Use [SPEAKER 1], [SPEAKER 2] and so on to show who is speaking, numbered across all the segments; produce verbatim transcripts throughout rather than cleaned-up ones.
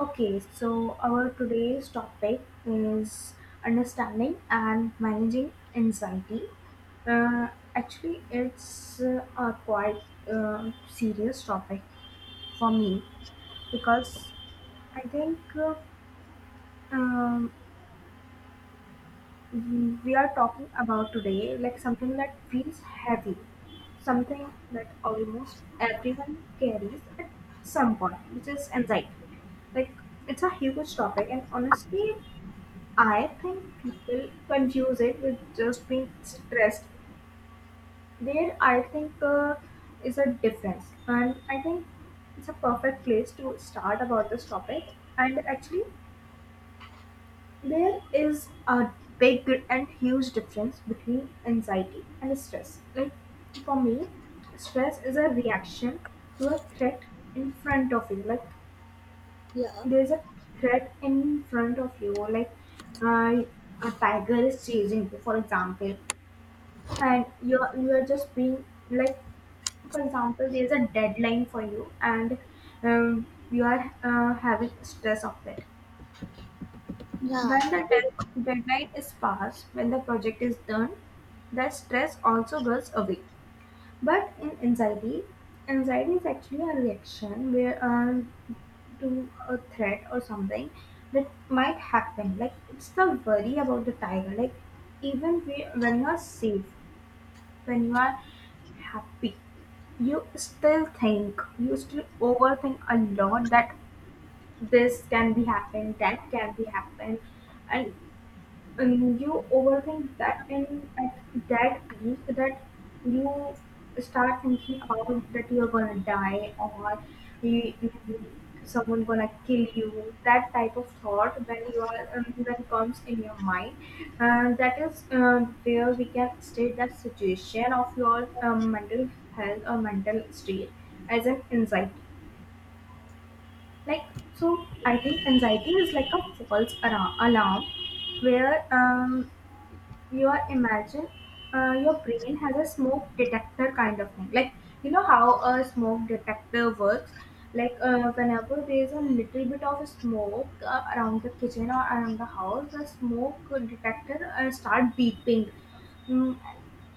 [SPEAKER 1] Okay, so our today's topic is understanding and managing anxiety. Uh, Actually, it's uh, a quite uh, serious topic for me because I think uh, um, we we are talking about today like something that feels heavy, something that almost everyone carries at some point, which is anxiety. Like it's a huge topic, and honestly, I think people confuse it with just being stressed. There, I think, uh, is a difference, and I think it's a perfect place to start about this topic. And actually, there is a big and huge difference between anxiety and stress. Like for me, stress is a reaction to a threat in front of you. Like
[SPEAKER 2] Yeah,
[SPEAKER 1] there's a threat in front of you, like uh, a tiger is chasing you, for example, and you're you're just being like, for example, there's a deadline for you and um, you are uh, having stress of it.
[SPEAKER 2] Yeah,
[SPEAKER 1] When the de- deadline is passed, when the project is done, that stress also goes away. But in anxiety anxiety is actually a reaction where, uh, to a threat or something that might happen, like it's the worry about the tiger. Like even we, when you're safe, when you are happy, you still think you still overthink a lot, that this can be happened, that can be happened. And and you overthink that, and at that peak, that you start thinking about that you're gonna die, or you, you- someone gonna kill you. That type of thought, when you are um, when comes in your mind, uh, that is uh, where we can state that situation of your um, mental health or mental state as an anxiety. Like, so I think anxiety is like a false ara- alarm where, um, your imagine uh, your brain has a smoke detector kind of thing. Like, you know how a smoke detector works. Like, uh, whenever there's a little bit of smoke uh, around the kitchen or around the house, the smoke detector uh, start beeping. Mm.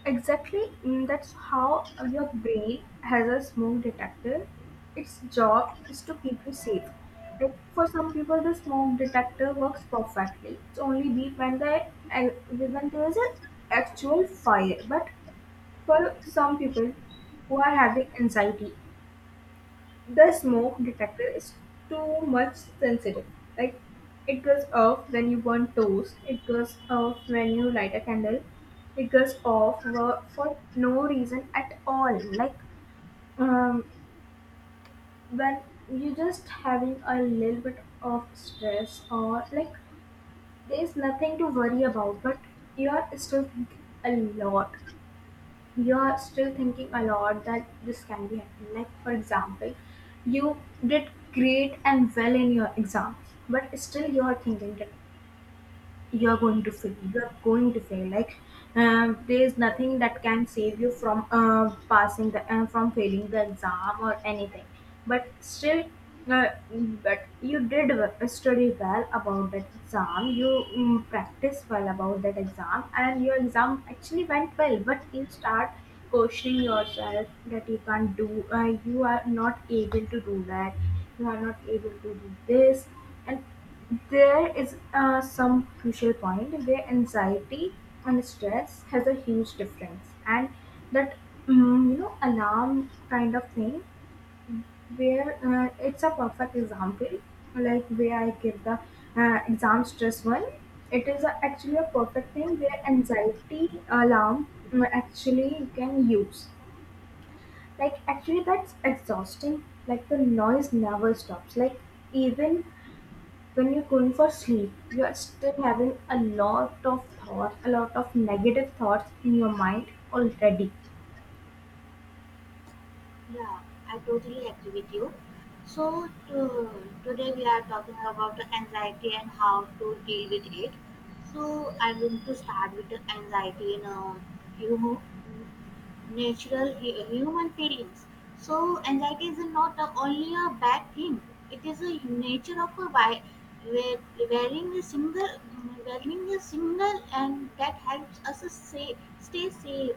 [SPEAKER 1] Exactly, mm, that's how your brain has a smoke detector. Its job is to keep you safe. Like for some people, the smoke detector works perfectly. It's only beep when the and when there is an actual fire. But for some people who are having anxiety, the smoke detector is too much sensitive. Like it goes off when you burn toast, it goes off when you light a candle, it goes off for, for no reason at all. Like, um, when you're just having a little bit of stress, or like there's nothing to worry about, but you are still thinking a lot you're still thinking a lot that this can be happening. Like, for example, you did great and well in your exams, but still you're thinking that you're going to fail you're going to fail. Like, um, there is nothing that can save you from uh, passing the uh, from failing the exam or anything. But still, uh, but you did w- study well about that exam. You um, practiced well about that exam, and your exam actually went well, but you start questioning yourself that you can't do uh, you are not able to do that, you are not able to do this. And there is, uh, some crucial point where anxiety and stress has a huge difference, and that, mm, you know alarm kind of thing, where, uh, it's a perfect example. Like, where I give the uh, exam stress one, it is a, actually a perfect thing where anxiety alarm, mm, actually you can use. Like, actually that's exhausting. Like the noise never stops. Like even when you're going for sleep, you are still having a lot of thoughts a lot of negative thoughts in your mind already.
[SPEAKER 2] yeah, I totally agree with you. So, to, today we are talking about the anxiety and how to deal with it. So, I'm going to start with the anxiety in a few mo- natural hu- human feelings. So anxiety is not a, only a bad thing. It is a nature of a vi- we- wearing a single wearing a single and that helps us say, stay safe.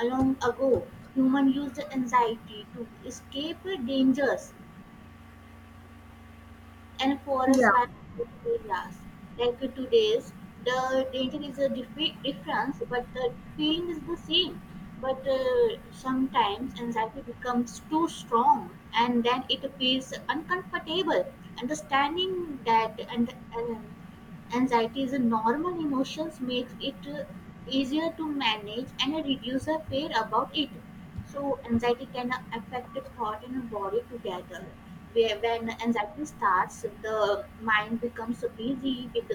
[SPEAKER 2] Long ago, human used anxiety to escape dangers and
[SPEAKER 1] Yeah.
[SPEAKER 2] forest wildlife areas. Like today's, the danger is a dif- difference, but the pain is the same. But uh, sometimes anxiety becomes too strong, and then it appears uncomfortable. Understanding that and, and anxiety is a normal emotions makes it uh, easier to manage and reduce the fear about it. So anxiety can affect the thought and body together. Where when anxiety starts, the mind becomes busy with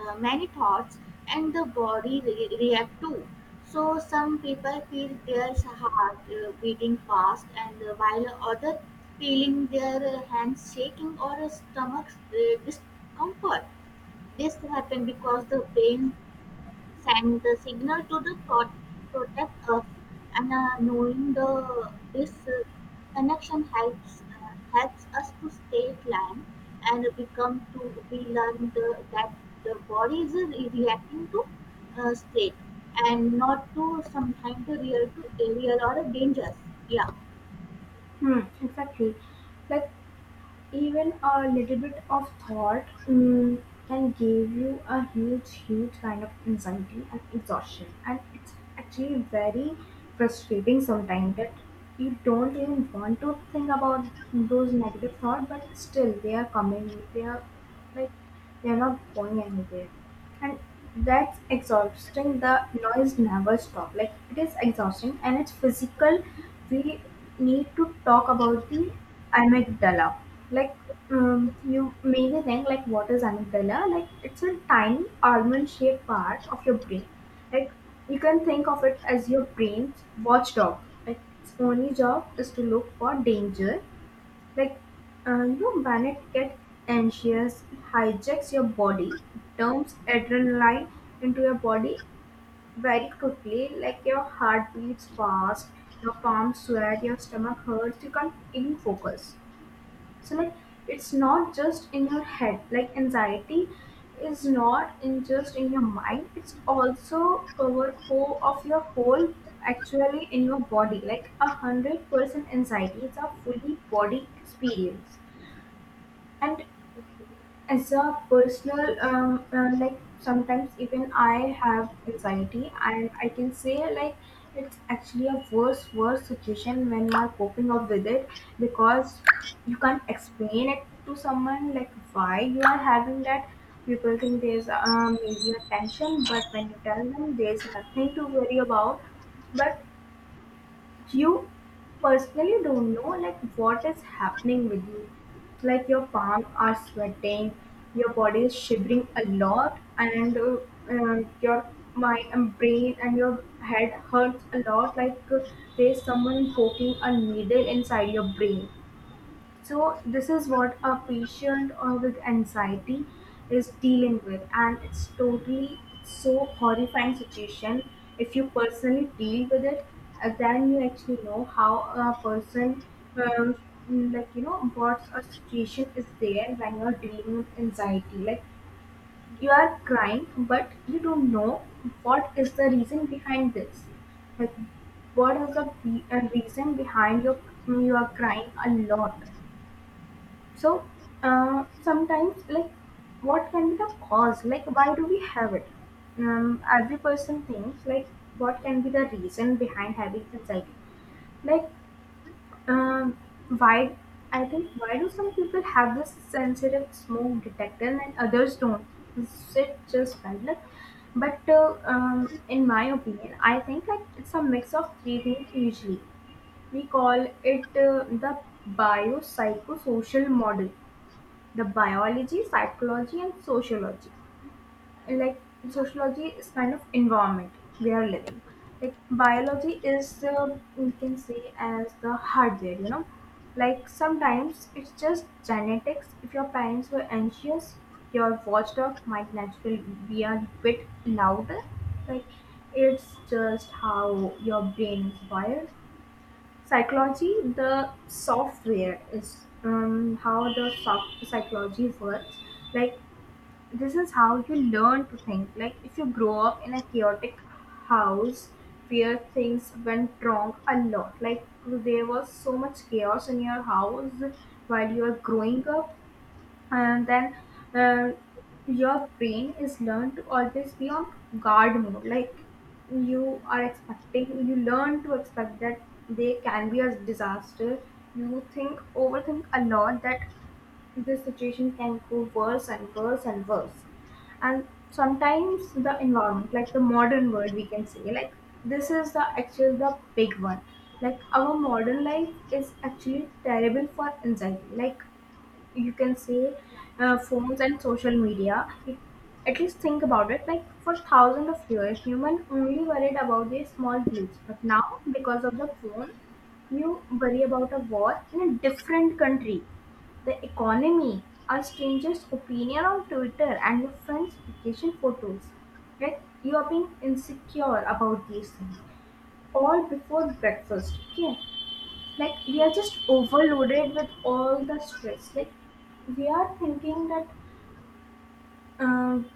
[SPEAKER 2] uh, many thoughts, and the body re- react too. So some people feel their heart uh, beating fast, and uh, while others feeling their uh, hands shaking or uh, stomachs uh, discomfort. This happens because the brain send the signal to the pro- protect us and uh, knowing the this uh, connection helps uh, helps us to stay calm and become to we learn the, that the body is reacting to uh, straight and not to sometimes the real to real or dangerous. yeah
[SPEAKER 1] Hmm, exactly. Like even a little bit of thought, mm, can give you a huge, huge kind of anxiety and exhaustion, and it's actually very frustrating sometimes that you don't even want to think about those negative thoughts, but still they are coming, they are, like, "You're not going anywhere." And that's exhausting. The noise never stops. Like, it is exhausting, and it's physical. We need to talk about the amygdala. Like, um, you maybe think, like, what is amygdala? Like it's a tiny almond shaped part of your brain. Like you can think of it as your brain's watchdog. Like its only job is to look for danger, like, uh, you know, when it gets anxious, it hijacks your body, it dumps adrenaline into your body very quickly. Like, your heart beats fast, your palms sweat, your stomach hurts, you can't even focus. So, like, it's not just in your head. Like, anxiety is not in just in your mind, it's also cover whole of your whole actually in your body, like a hundred percent anxiety is a fully body experience. And as a personal, um, uh, like sometimes even I have anxiety, and I can say, like it's actually a worse, worse situation when you are coping up with it, because you can't explain it to someone like why you are having that. People think there's um maybe a tension, but when you tell them there's nothing to worry about, but you personally don't know like what is happening with you. Like your palms are sweating, your body is shivering a lot, and uh, uh, your my um, brain and your head hurts a lot, like, uh, there's someone poking a needle inside your brain. So this is what a patient uh, with anxiety is dealing with, and it's totally so horrifying situation. If you personally deal with it, uh, then you actually know how a person, um, like, you know, what a situation is there when you're dealing with anxiety. Like you are crying, but you don't know what is the reason behind this. Like what is the be- uh, reason behind your you are crying a lot. So, uh, sometimes, like, what can be the cause? Like, why do we have it? Um, every person thinks, like, what can be the reason behind having anxiety? Like, um, why? I think, why do some people have this sensitive smoke detector and others don't? Is it just random? But uh, um, in my opinion, I think like it's a mix of three things usually. We call it uh, the biopsychosocial model, the biology, psychology, and sociology. Like
[SPEAKER 2] yeah
[SPEAKER 1] sociology is kind of environment we are living. Like biology is, uh, we can say, as the hardware. You know, like sometimes it's just genetics. If your parents were anxious, your watchdog might naturally be a bit louder. Like it's just how your brain is wired. Psychology, the software, is um, how the soft psychology works. Like this is how you learn to think, like if you grow up in a chaotic house where things went wrong a lot, like there was so much chaos in your house while you were growing up. And then, uh, your brain is learned to always be on guard mode. Like you are expecting you learn to expect that they can be a disaster. You think overthink a lot that this situation can go worse and worse and worse. And sometimes the environment, like the modern world, we can say, like, this is the actually the big one. Like our modern life is actually terrible for anxiety. Like, you can say, uh, phones and social media. If- at least think about it, like, for thousands of years human only worried about these small glitch, but now because of the phone, you worry about a war in a different country, the economy, a stranger's opinion on Twitter, and your friend's vacation photos. Like, you are being insecure about these things, all before breakfast, okay. Like we
[SPEAKER 2] yeah
[SPEAKER 1] are just overloaded with all the stress. Like we are thinking that, um,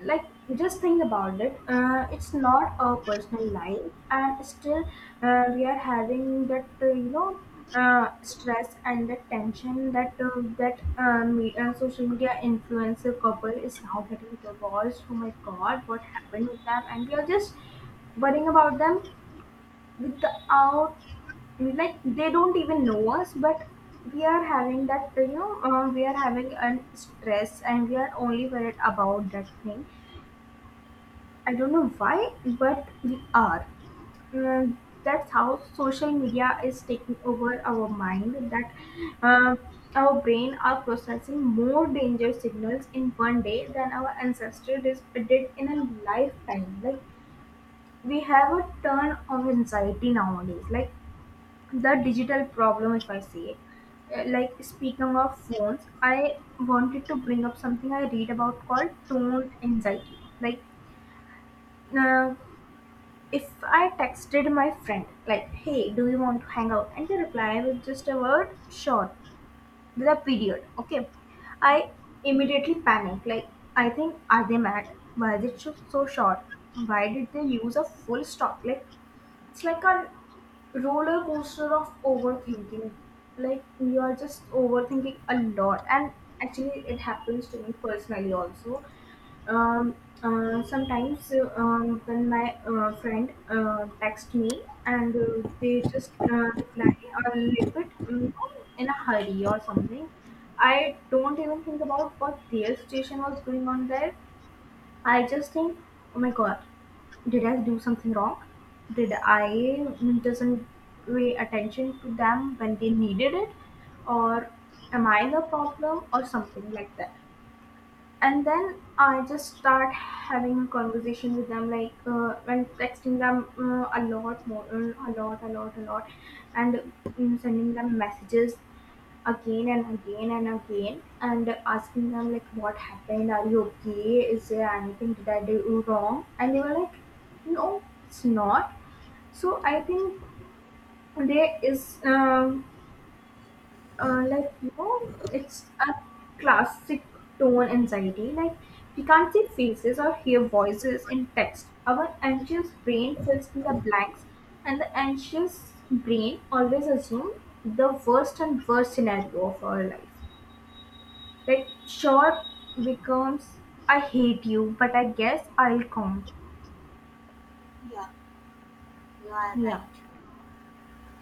[SPEAKER 1] like, just think about it, uh, it's not our personal life, and still, uh, we are having that, uh, you know uh, stress, and that tension, that uh, that uh, me, uh, social media influencer couple is now getting divorced. Oh my god, what happened with them? And we are just worrying about them, without, like, they don't even know us. But we are having that you know uh, we are having an stress, and we are only worried about that thing. I don't know why, but we are Mm, that's how social media is taking over our mind. That, uh, our brain are processing more danger signals in one day than our ancestors dis- did in a lifetime. Like, we have a turn of anxiety nowadays, like the digital problem, if I say it. Uh, like, speaking of phones, I wanted to bring up something I read about called tone anxiety. Like,
[SPEAKER 2] yeah
[SPEAKER 1] uh, if I texted my friend like, "Hey, do you want to hang out?" and they reply with just a word, "Sure," with a period, okay, I immediately panic. Like, I think, are they mad? Why is it so so short? Why did they use a full stop? Like it's like a roller coaster of overthinking. Like, you are just overthinking a lot. And actually, it happens to me personally also. Um, uh, Sometimes uh, um, when my uh, friend uh, texts me and uh, they just uh, reply a little bit, you know, in a hurry or something, I don't even think about what their situation was going on there. I just think, oh my god, did I do something wrong? Did I doesn't pay attention to them when they needed it, or am I the problem, or something like that? And then I just start having a conversation with them, like uh, and texting them uh, a lot more, uh, a lot a lot a lot and um, sending them messages again and again and again and asking them like, what happened, are you okay, is there anything, did I do wrong? And they were like, no, it's not. So I think there is, um, uh, like, you know it's a classic tone anxiety. Like, we can't see faces or hear voices in text. Our anxious brain fills in the blanks, and the anxious brain always assumes the worst and worst scenario of our life. Like, short becomes I hate you but I guess I'll come.
[SPEAKER 2] yeah you are right.
[SPEAKER 1] Yeah.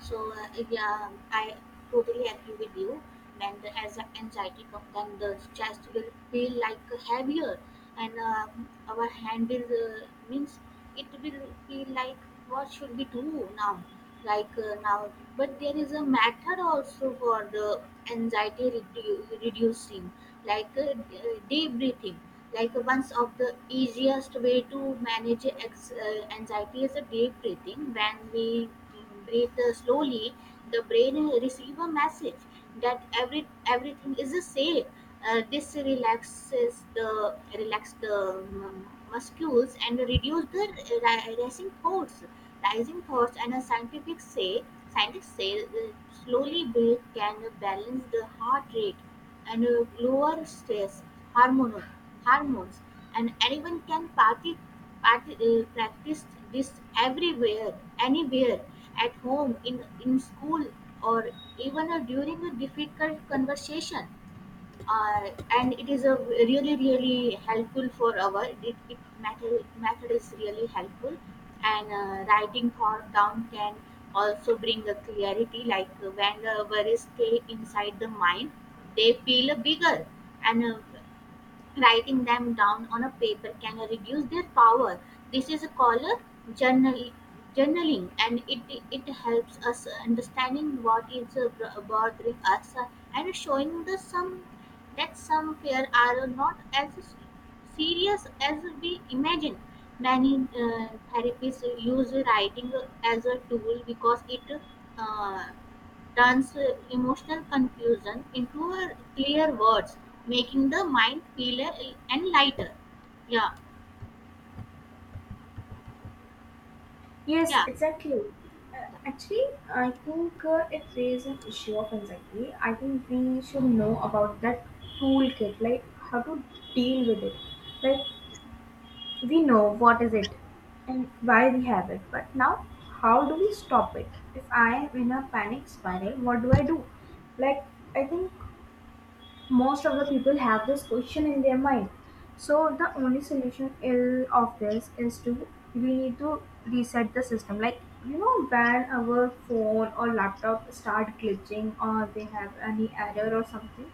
[SPEAKER 2] So uh, yeah, I totally agree with you. When the as the anxiety comes, then the chest will feel like heavier, and uh, our hand will uh, means it will feel like what should we do now, like uh, now. But there is a method also for the anxiety redu- reducing, like uh, d- uh, deep breathing like once of the easiest way to manage ex- uh, anxiety is a deep breathing when we mm, breathe uh, slowly the brain receives a message that every everything is uh, safe. Uh, this relaxes the relax the mm, muscles and reduce the uh, ra- racing thoughts rising thoughts and a scientific say scientists say the slowly breath can balance the heart rate and uh, lower stress hormone, hormones and anyone can party, party, uh, practice this everywhere anywhere at home in in school or even uh, during a difficult conversation. uh, and it is a really really helpful for our it, it method, method is really helpful. And uh, writing thought down can also bring a clarity like uh, when the worries stay inside the mind they feel bigger, and uh, writing them down on a paper can reduce their power. This is called journal, journaling, and it it helps us understanding what is uh, bothering us uh, and showing the some that some fear are not as serious as we imagine. Many uh, therapists use writing as a tool because it uh, turns uh, emotional confusion into a clear words, making the mind feel uh, and lighter. Yeah,
[SPEAKER 1] Yes,
[SPEAKER 2] yeah,
[SPEAKER 1] exactly. Uh, Actually, I think uh, if there is an issue of anxiety, I think we should know about that toolkit, like how to deal with it. Like, we know what is it and why we have it, but now how do we stop it? If I am in a panic spiral, what do I do? Like, I think most of the people have this question in their mind. So the only solution ill of this is to, we need to reset the system. Like, you know, when our phone or laptop start glitching or they have any error or something,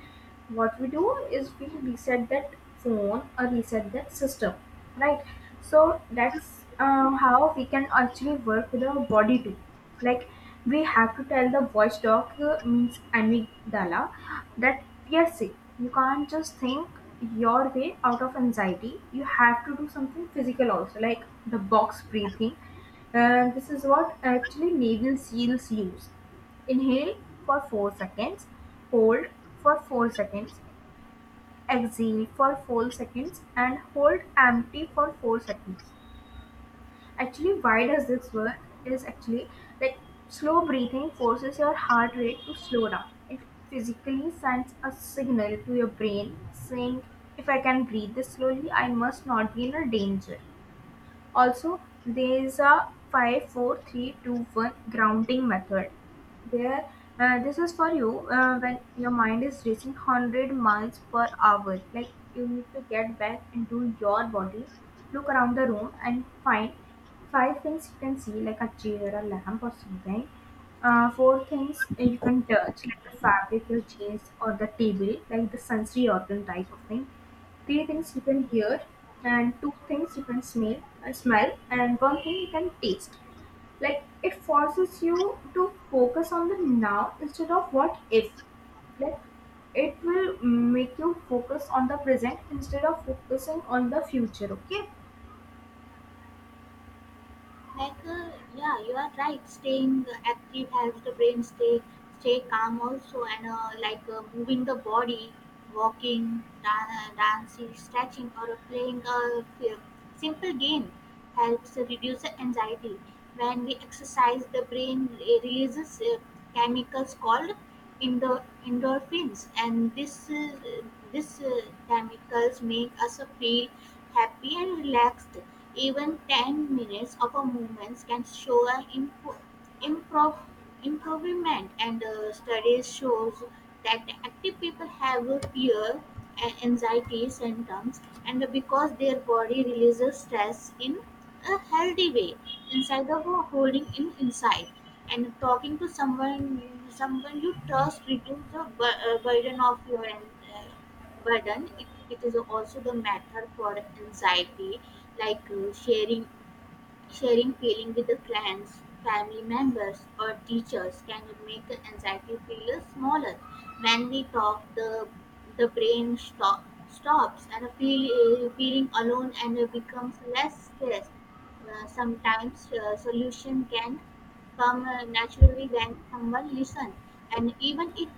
[SPEAKER 1] what we do is we reset that phone or reset that system, right? So that's uh, how we can actually work with our body too. Like, we have to tell the voice doc, uh, means amygdala, that we are sick. You can't just think your way out of anxiety. You have to do something physical also, like the box breathing. Uh, this is what actually Navy SEALs use. Inhale for four seconds, hold for four seconds, exhale for four seconds, and hold empty for four seconds. Actually, why
[SPEAKER 2] yeah,
[SPEAKER 1] does this work is actually, like, slow breathing forces your heart rate to slow down. It physically sends a signal to your brain saying, if I can breathe this slowly, I must not be in a danger. Also, there's a five, four, three, two, one grounding method where, uh, this is for you uh, when your mind is racing one hundred miles per hour. Like, you need to get back into your body, look around the room, and find five things you can see, like a chair, a lamp, or something. Uh, four things you can touch, like the fabric, your jeans, or the table, like the sensory organ type of thing. Three things you can hear, and two things you can smell, uh, smell and one thing you can taste. Like, it forces you to focus on the now instead of what if. Like, it will make you focus on the present instead of focusing on the future. Okay.
[SPEAKER 2] like uh, yeah, you are right. Staying active helps the brain stay stay calm also and uh, like uh, moving the body walking dan- dancing stretching or playing a f- simple game helps reduce the anxiety when we exercise the brain re- releases uh, chemicals called endo- endorphins and this uh, this uh, chemicals make us feel happy and relaxed. Even ten minutes of a movement can show an impo- improv- improvement, and uh, studies shows that active people have a fear and anxiety symptoms and because their body releases stress in a healthy way instead of holding in inside and talking to someone someone you trust reduces the bur- uh, burden of your uh, burden it, it is also the method for anxiety like uh, sharing Sharing feelings with the friends, family members, or teachers can make the anxiety feel smaller. When we talk, the the brain stop, stops and feel, uh, feeling alone and uh, becomes less stressed. Uh, sometimes uh, solution can come uh, naturally when someone listens, and even if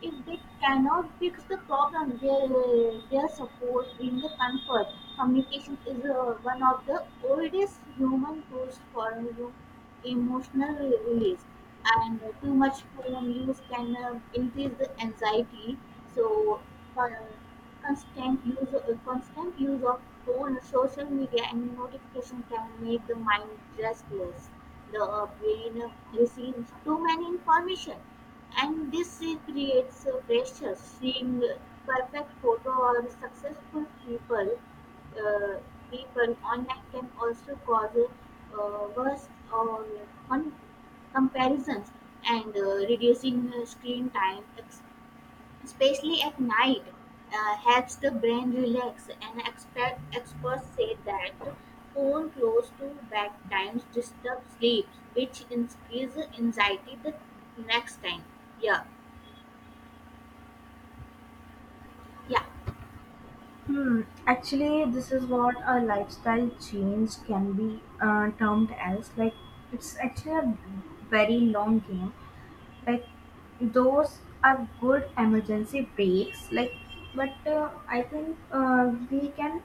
[SPEAKER 2] if they cannot fix the problem, their uh, their support brings the comfort. Communication is uh, one of the oldest human tools for you know, emotional release. And uh, too much phone use can uh, increase the anxiety. So, uh, constant use uh, constant use of phone, social media, and notification can make the mind restless. The uh, brain uh, receives too many information, and this uh, creates uh, pressure. Seeing uh, perfect photo or successful people uh, people online can also cause uh, worse or un- comparisons. And uh, reducing uh, screen time, ex- especially at night, uh, helps the brain relax. And expert, experts say that phone close to bedtimes disturb sleep, which increases anxiety the next time. Yeah, yeah,
[SPEAKER 1] Hmm. Actually, this is what a lifestyle change can be uh, termed as. Like, it's actually a very long game. Like, those are good emergency breaks, like, but uh, I think uh, we can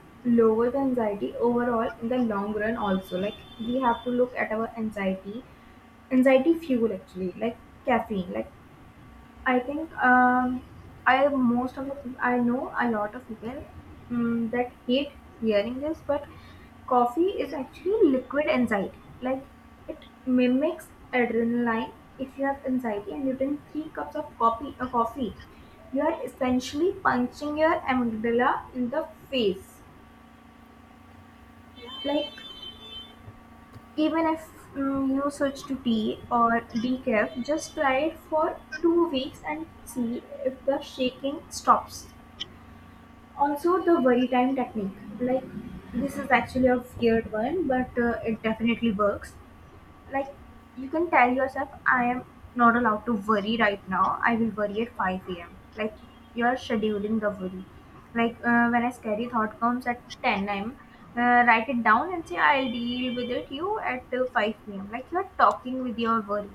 [SPEAKER 1] lower the anxiety overall in the long run also. Like, we have to look at our anxiety anxiety fuel actually, like caffeine. Like, I think, um, I most of the peop- I know a lot of people, um, that hate hearing this, but coffee is actually liquid anxiety. Like, it mimics adrenaline. If you have anxiety and you drink three cups of coffee, uh, coffee, you are essentially punching your amygdala in the face.
[SPEAKER 2] yeah.
[SPEAKER 1] Like, even if, mm, you switch to tea or decaf, just try it for two weeks and see if the shaking stops. Also, the worry time technique. Like, this is actually a weird one, but uh, it definitely works. Like, you can tell yourself, I am not allowed to worry right now. I will worry at five a m. Like, you're scheduling the worry. Like, uh, when a scary thought comes at ten a m, uh, write it down and say, I'll deal with it you at uh, five p m. Like, you're talking with your worry.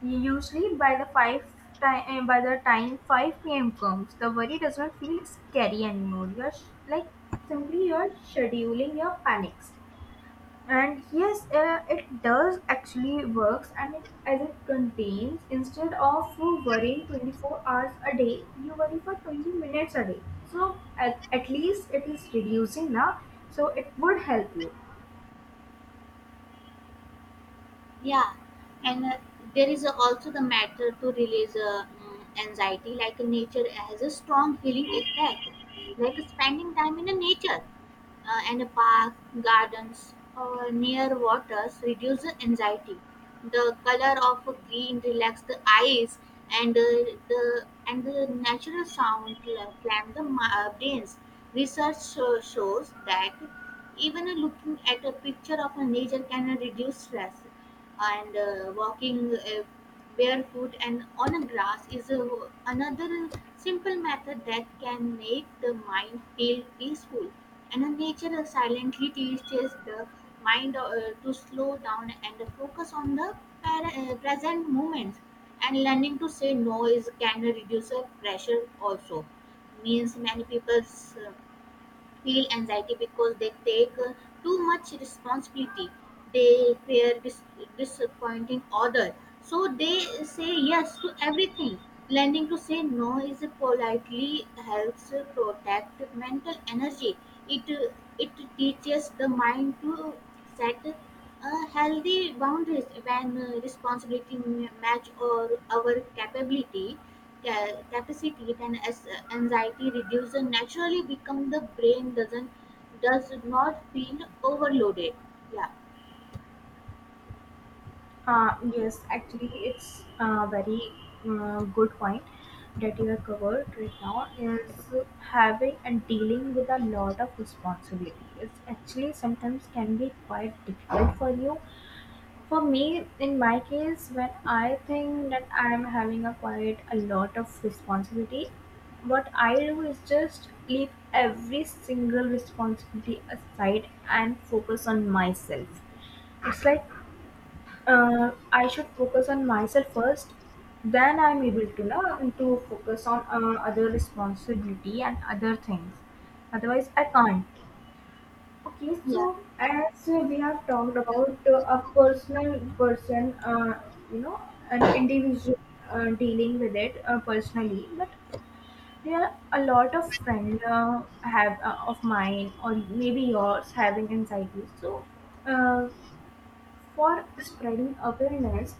[SPEAKER 1] Usually by the five time by the time five p m comes, the worry does not feel scary anymore. You're sh- like, simply you're scheduling your panics. And yes, uh, it does actually works, and it, as it contains, instead of worrying twenty-four hours a day, you worry for twenty minutes a day. So at, at least it is reducing now. So it would help you.
[SPEAKER 2] yeah And uh, there is also the matter to release uh, mm, anxiety like nature has a strong healing effect like spending time in the nature uh, and a park gardens or near waters reduce the anxiety, the color of green relax the eyes, and uh, the and the natural sound cla- calm the mi- uh, brains. Research sho- shows that even looking at a picture of a nature can reduce stress. And uh, walking uh, barefoot and on a grass is a, another simple method that can make the mind feel peaceful. And uh, nature silently teaches the mind uh, to slow down and focus on the par- uh, present moments. And learning to say no is can reduce the pressure also, means many people uh, feel anxiety because they take uh, too much responsibility. They fear dis- disappointing others. So they say yes to everything. Learning to say no is politely helps protect mental energy. It uh, it teaches the mind to set uh, healthy boundaries when uh, responsibility match or our capability ca- capacity and as uh, anxiety reduce and naturally become the brain doesn't does not feel overloaded. Yeah.
[SPEAKER 1] Uh, yes, actually, it's a very uh, good point that you have covered right now is having and dealing with a lot of responsibility. It's actually sometimes can be quite difficult for you. For me, in my case, when I think that I'm having a quite a lot of responsibility, what I do is just leave every single responsibility aside and focus on myself. It's like, uh, I should focus on myself first. Then I'm able to know to focus on uh, other responsibility and other things. Otherwise, I can't. Okay,
[SPEAKER 2] Yeah.
[SPEAKER 1] so as we have talked about uh, a personal person, uh, you know, an individual uh, dealing with it uh, personally, but there are a lot of friend uh, have uh, of mine or maybe yours having anxiety. So, uh, for spreading awareness,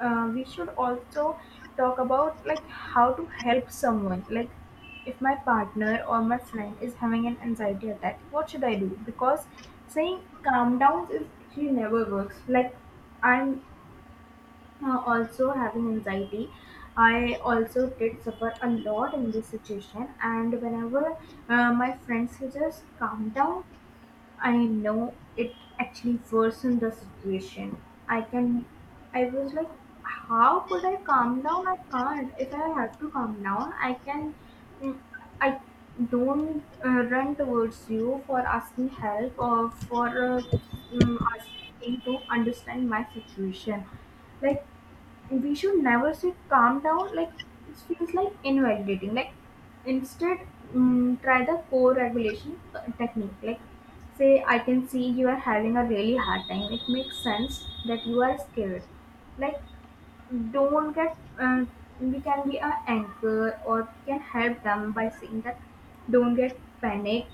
[SPEAKER 1] uh, we should also talk about like how to help someone. Like, if my partner or my friend is having an anxiety attack, what should I do? Because saying calm down is actually never works. Like, I'm, uh, also having anxiety, I also did suffer a lot in this situation, and whenever uh, my friend suggests calm down, I know it actually worsened the situation. I can, I was like, how could I calm down? I can't. If I have to calm down, I can, mm, I don't uh, run towards you for asking help or for, uh, mm, asking to understand my situation. Like, we should never say calm down. Like, it feels like invalidating. Like, instead, mm, try the co-regulation uh, technique. Like, say, I can see you are having a really hard time, it makes sense that you are scared. Like, don't get uh, we can be an anchor or we can help them by saying that, don't get panic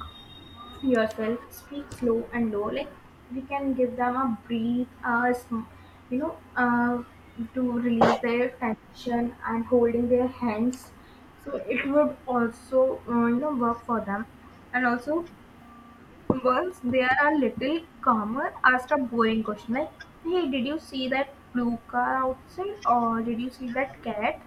[SPEAKER 1] yourself, speak slow and low. Like, we can give them a breathe, uh, sm- you know, uh, to release their tension and holding their hands. So it would also, uh, you know, work for them. And also, once they are a little calmer, ask a boring question. Like, hey, did you see that blue car outside, or did you see that cat?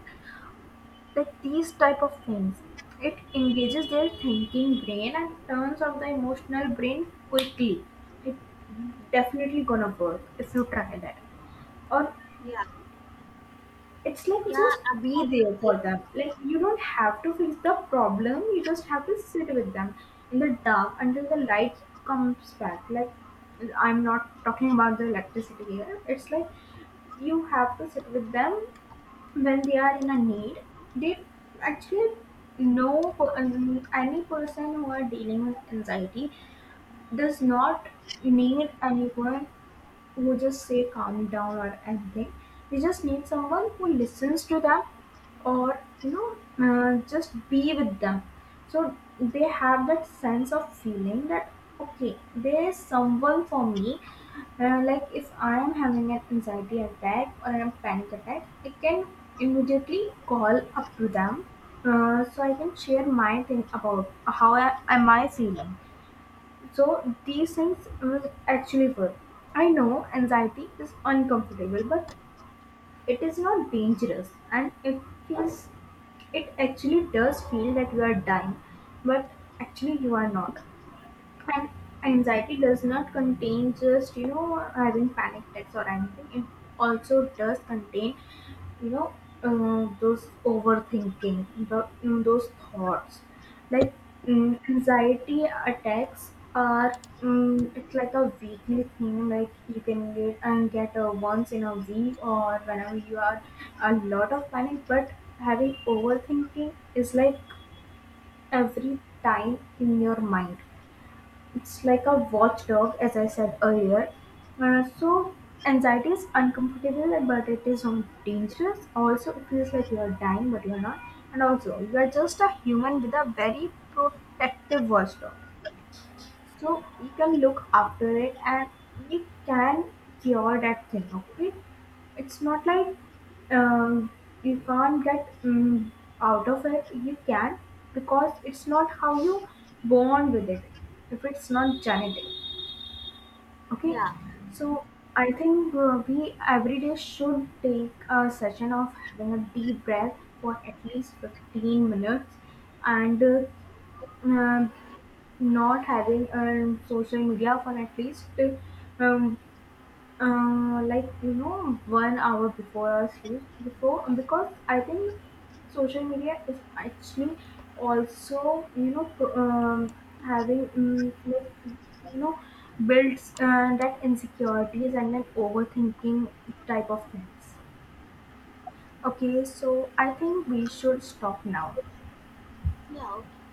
[SPEAKER 1] Like, these type of things, it engages their thinking brain and turns off the emotional brain quickly. It definitely gonna work if you try that. Or,
[SPEAKER 2] yeah
[SPEAKER 1] it's like,
[SPEAKER 2] yeah
[SPEAKER 1] just be there
[SPEAKER 2] absolutely.
[SPEAKER 1] for them. Like, you don't have to fix the problem, you just have to sit with them in the dark until the light comes back. Like, I'm not talking about the electricity here. It's like, you have to sit with them when they are in a need. They actually know, um, any person who are dealing with anxiety does not need anyone who just say calm down or anything. They just need someone who listens to them, or you know, uh, just be with them. So they have that sense of feeling that, okay, there is someone for me. Uh, like, if I am having an anxiety attack or a panic attack, I can immediately call up to them, uh, so I can share my thing about how I, am I feeling. So these things will actually work. I know anxiety is uncomfortable, but it is not dangerous, and it feels, it actually does feel that you are dying, but actually you are not. And anxiety does not contain just, you know, having panic attacks or anything. It also does contain, you know, uh, those overthinking, the, mm, those thoughts. Like, mm, anxiety attacks are, mm, it's like a weekly thing. Like, you can get and get a once in a week, or whenever you are a lot of panic, but having overthinking is like every time in your mind. It's like a watchdog, as I said earlier. Uh, so anxiety is uncomfortable, but it is not dangerous. Also, it feels like you are dying, but you are not. And also, you are just a human with a very protective watchdog. So you can look after it, and you can cure that thing, okay? It's not like, um, you can't get, um, out of it. You can, because it's not how you born with it. If it's not genetic, okay?
[SPEAKER 2] yeah
[SPEAKER 1] So I think uh, we every day should take a session of having a deep breath for at least fifteen minutes and, uh, um, not having, um, social media for at least, um, uh, like, you know, one hour before our sleep before. Because I think social media is actually also, you know, pro- um, having, um, like, you know, builds, uh, that insecurities and that overthinking type of things. Okay, so I think we should stop now.
[SPEAKER 2] yeah okay.